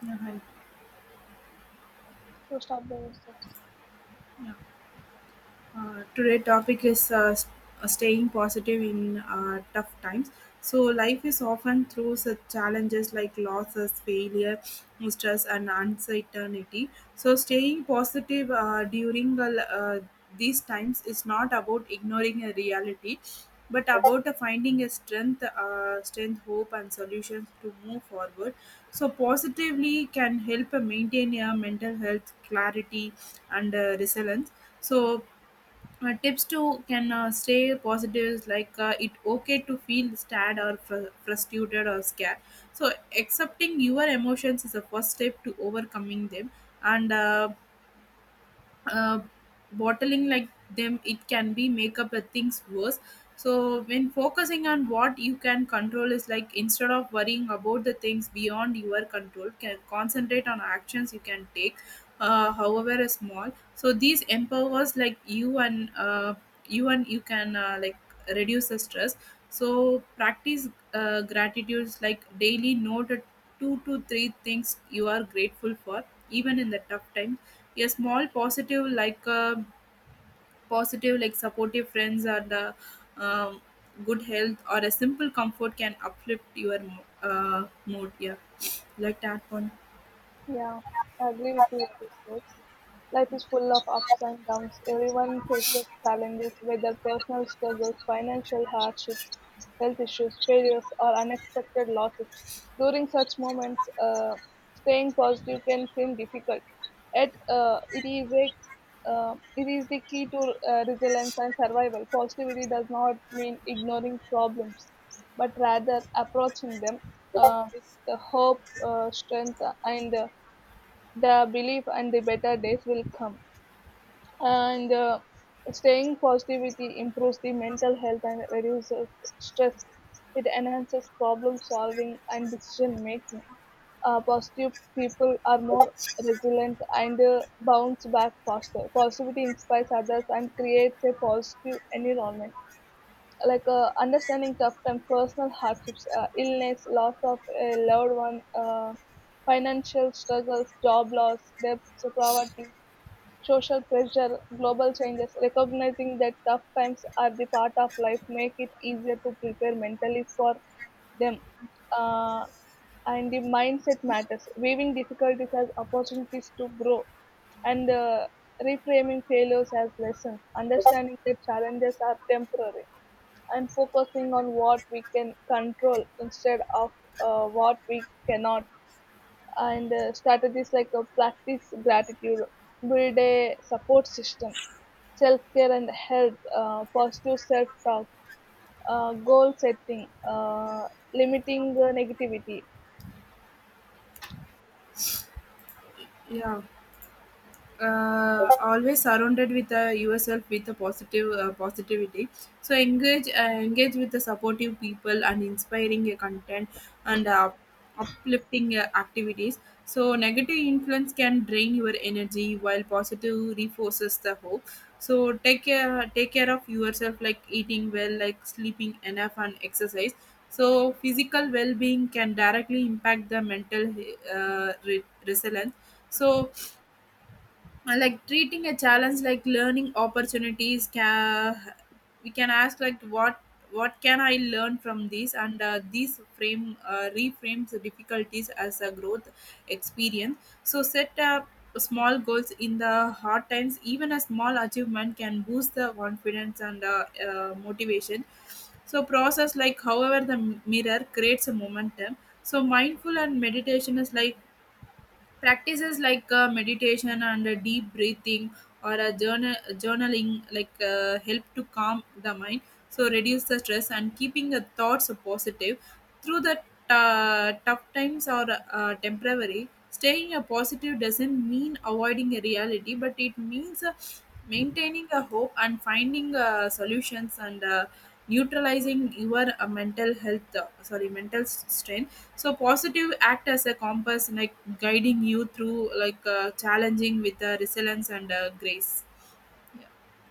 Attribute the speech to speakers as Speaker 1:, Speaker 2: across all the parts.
Speaker 1: 两海
Speaker 2: So stop the music.
Speaker 1: Today topic is staying positive in tough times. So life is often through such challenges like losses, failure, stress and uncertainty. So staying positive during these times is not about ignoring a reality, but about finding a strength, hope and solutions to move forward. So positively can help maintain your mental health, clarity and resilience. So tips to can stay positive is like it okay to feel sad or frustrated or scared. So accepting your emotions is the first step to overcoming them, and uh, bottling like them, it can be make up things worse. So when focusing on what you can control is like instead of worrying about the things beyond your control, can concentrate on actions you can take, however small. So these empowers like you and you, and you can like reduce the stress. So practice gratitudes like daily note two to three things you are grateful for, even in the tough times. A small positive like a positive like supportive friends or the um, good health or a simple comfort can uplift your mood. Yeah, like that one.
Speaker 2: Yeah, I agree with you what you say. Life is full of ups and downs. Everyone faces challenges, whether personal struggles, financial hardships, health issues, failures, or unexpected losses. During such moments, staying positive can seem difficult. Yet, it is the key to resilience and survival. Positivity does not mean ignoring problems, but rather approaching them with the hope, strength, and the belief, and the better days will come and Staying positivity improves the mental health and reduces stress. It enhances problem solving and decision making. Positive people are more resilient and bounce back faster. Positivity inspires others and creates a positive environment, like understanding tough times, personal hardships, illness, loss of a loved one, financial struggles, job loss, debt, poverty, social pressure, global changes. Recognizing that tough times are the part of life make it easier to prepare mentally for them. Uh, and the mindset matters: viewing difficulties as opportunities to grow, and reframing failures as lessons, understanding that challenges are temporary and focusing on what we can control instead of what we cannot. And Strategies like practice gratitude, build a support system, self care and health, positive self talk, goal setting, limiting negativity.
Speaker 1: Yeah, always surrounded with yourself with a positive positivity. So engage with the supportive people and inspiring content and uplifting activities. So negative influence can drain your energy while positive reinforces the hope. So take care of yourself, like eating well, like sleeping enough and exercise. So physical well-being can directly impact the mental resilience. So like treating a challenge like learning opportunities, can we can ask like what can I learn from this, and these frame reframes the difficulties as a growth experience. So set up small goals in the hard times. Even a small achievement can boost the confidence and motivation. So process like however the mirror creates a momentum. So mindful and meditation is like practices like meditation and deep breathing or a journaling like help to calm the mind, so reduce the stress and keeping the thoughts positive. Through the tough times are temporary. Staying a positive doesn't mean avoiding a reality, but it means maintaining a hope and finding solutions and neutralizing your mental health, sorry, mental strain. So positive act as a compass, like guiding you through like challenging with resilience and grace.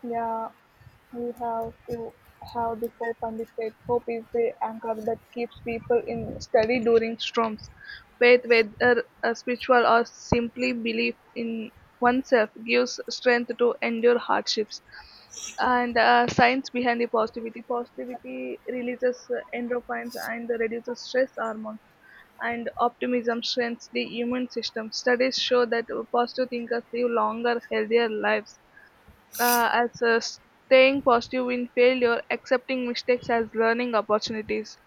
Speaker 2: Yeah, we have to have the hope, and the faith. Hope is the anchor that keeps people in steady during storms. Faith, whether spiritual or simply belief in oneself, gives strength to endure hardships. And science behind the positivity. Positivity releases endorphins and reduces stress hormones, and optimism strengthens the immune system. Studies show that positive thinkers live longer, healthier lives. As Staying positive in failure, accepting mistakes as learning opportunities.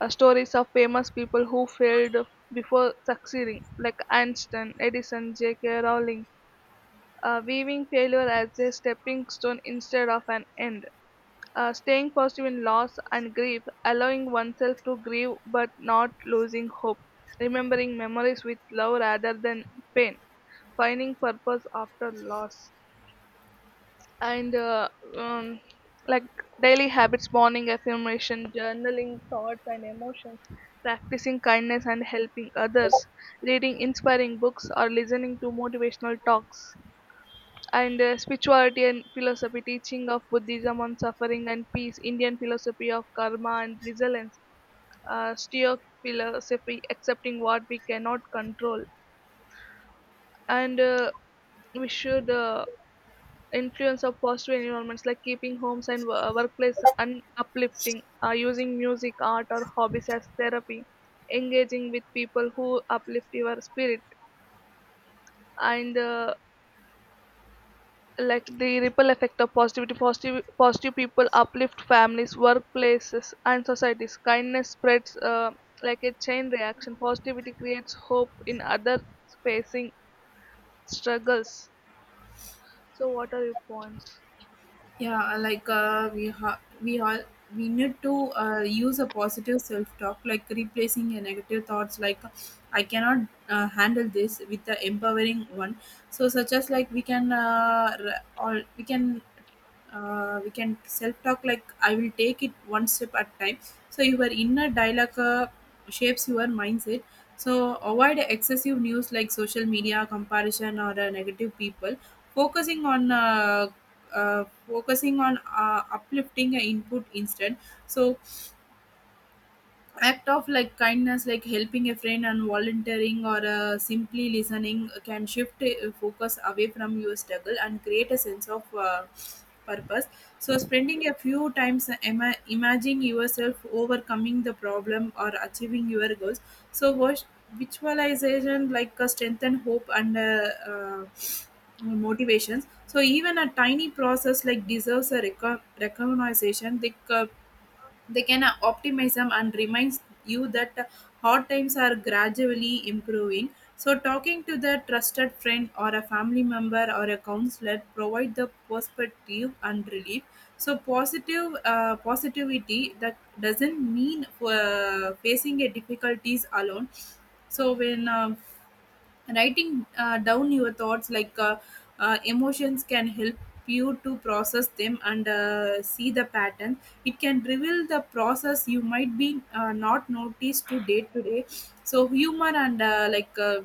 Speaker 2: Stories of famous people who failed before succeeding, like Einstein, Edison, J.K. Rowling, viewing failure as a stepping stone instead of an end. Staying positive in loss and grief, allowing oneself to grieve but not losing hope. Remembering memories with love rather than pain. Finding purpose after loss. And uh, um, like daily habits, morning affirmation, journaling thoughts and emotions, practicing kindness and helping others, reading inspiring books or listening to motivational talks. And Spirituality and philosophy: teaching of buddhism on suffering and peace, indian philosophy of karma and resilience, stoic philosophy, accepting what we cannot control. And we should Influence of positive environments, like keeping homes and workplace uplifting, using music, art, or hobbies as therapy, engaging with people who uplift your spirit, and the ripple effect of positivity. Positive people uplift families, workplaces, and societies. Kindness spreads like a chain reaction. Positivity creates hope in others facing struggles. So, what are your points?
Speaker 1: Yeah, like we we all we need to use a positive self talk, like replacing a negative thoughts like I cannot handle this with the empowering one. So such as like we can or we can self talk like I will take it one step at time. So your inner dialogue shapes your mindset. So avoid excessive news like social media comparison or negative people, focusing on focusing on uplifting input instead. So act of like kindness, like helping a friend and volunteering or simply listening can shift focus away from your struggle and create a sense of purpose. So spending a few times imagining yourself overcoming the problem or achieving your goals. So visualization like strengthen hope and motivations. So even a tiny process like deserves a recognition. The they can optimism and reminds you that hard times are gradually improving. So talking to the trusted friend or a family member or a counselor provide the perspective and relief. So positive positivity that doesn't mean facing a difficulties alone. So when writing down your thoughts like emotions can help you to process them and see the pattern. It can reveal the process you might be not noticed to day to day. So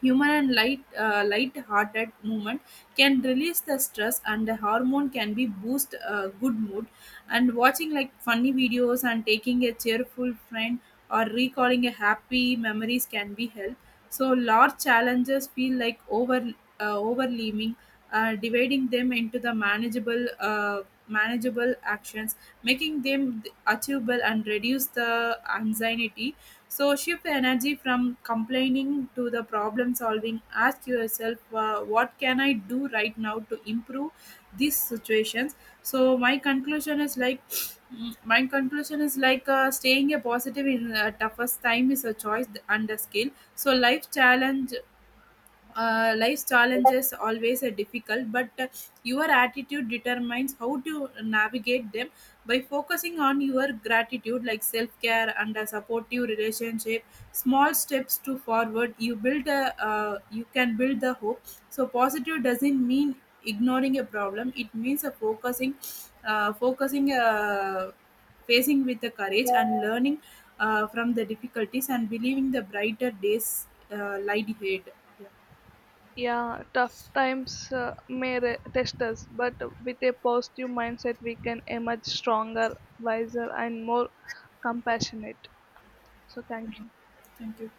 Speaker 1: humor and light-hearted movement can release the stress, and the hormone can be boost good mood. And watching like funny videos and taking a cheerful friend or recalling a happy memories can be help. So large challenges feel like over overleaving, dividing them into the manageable actions, making them achievable and reduce the anxiety. So shift the energy from complaining to the problem solving. Ask yourself, what can I do right now to improve these situations? So my conclusion is like, my conclusion is like staying a positive in the toughest time is a choice and a skill. So life's challenges always are difficult, but your attitude determines how to navigate them. By focusing on your gratitude like self-care and a supportive relationship, small steps to forward you build a you can build the hope. So positive doesn't mean ignoring a problem, it means a focusing focusing facing with the courage and learning from the difficulties and believing the brighter days lie ahead. Yeah.
Speaker 2: Yeah, tough times may test us, but with a positive mindset, we can emerge stronger, wiser, and more compassionate. So, thank you.
Speaker 1: Thank you.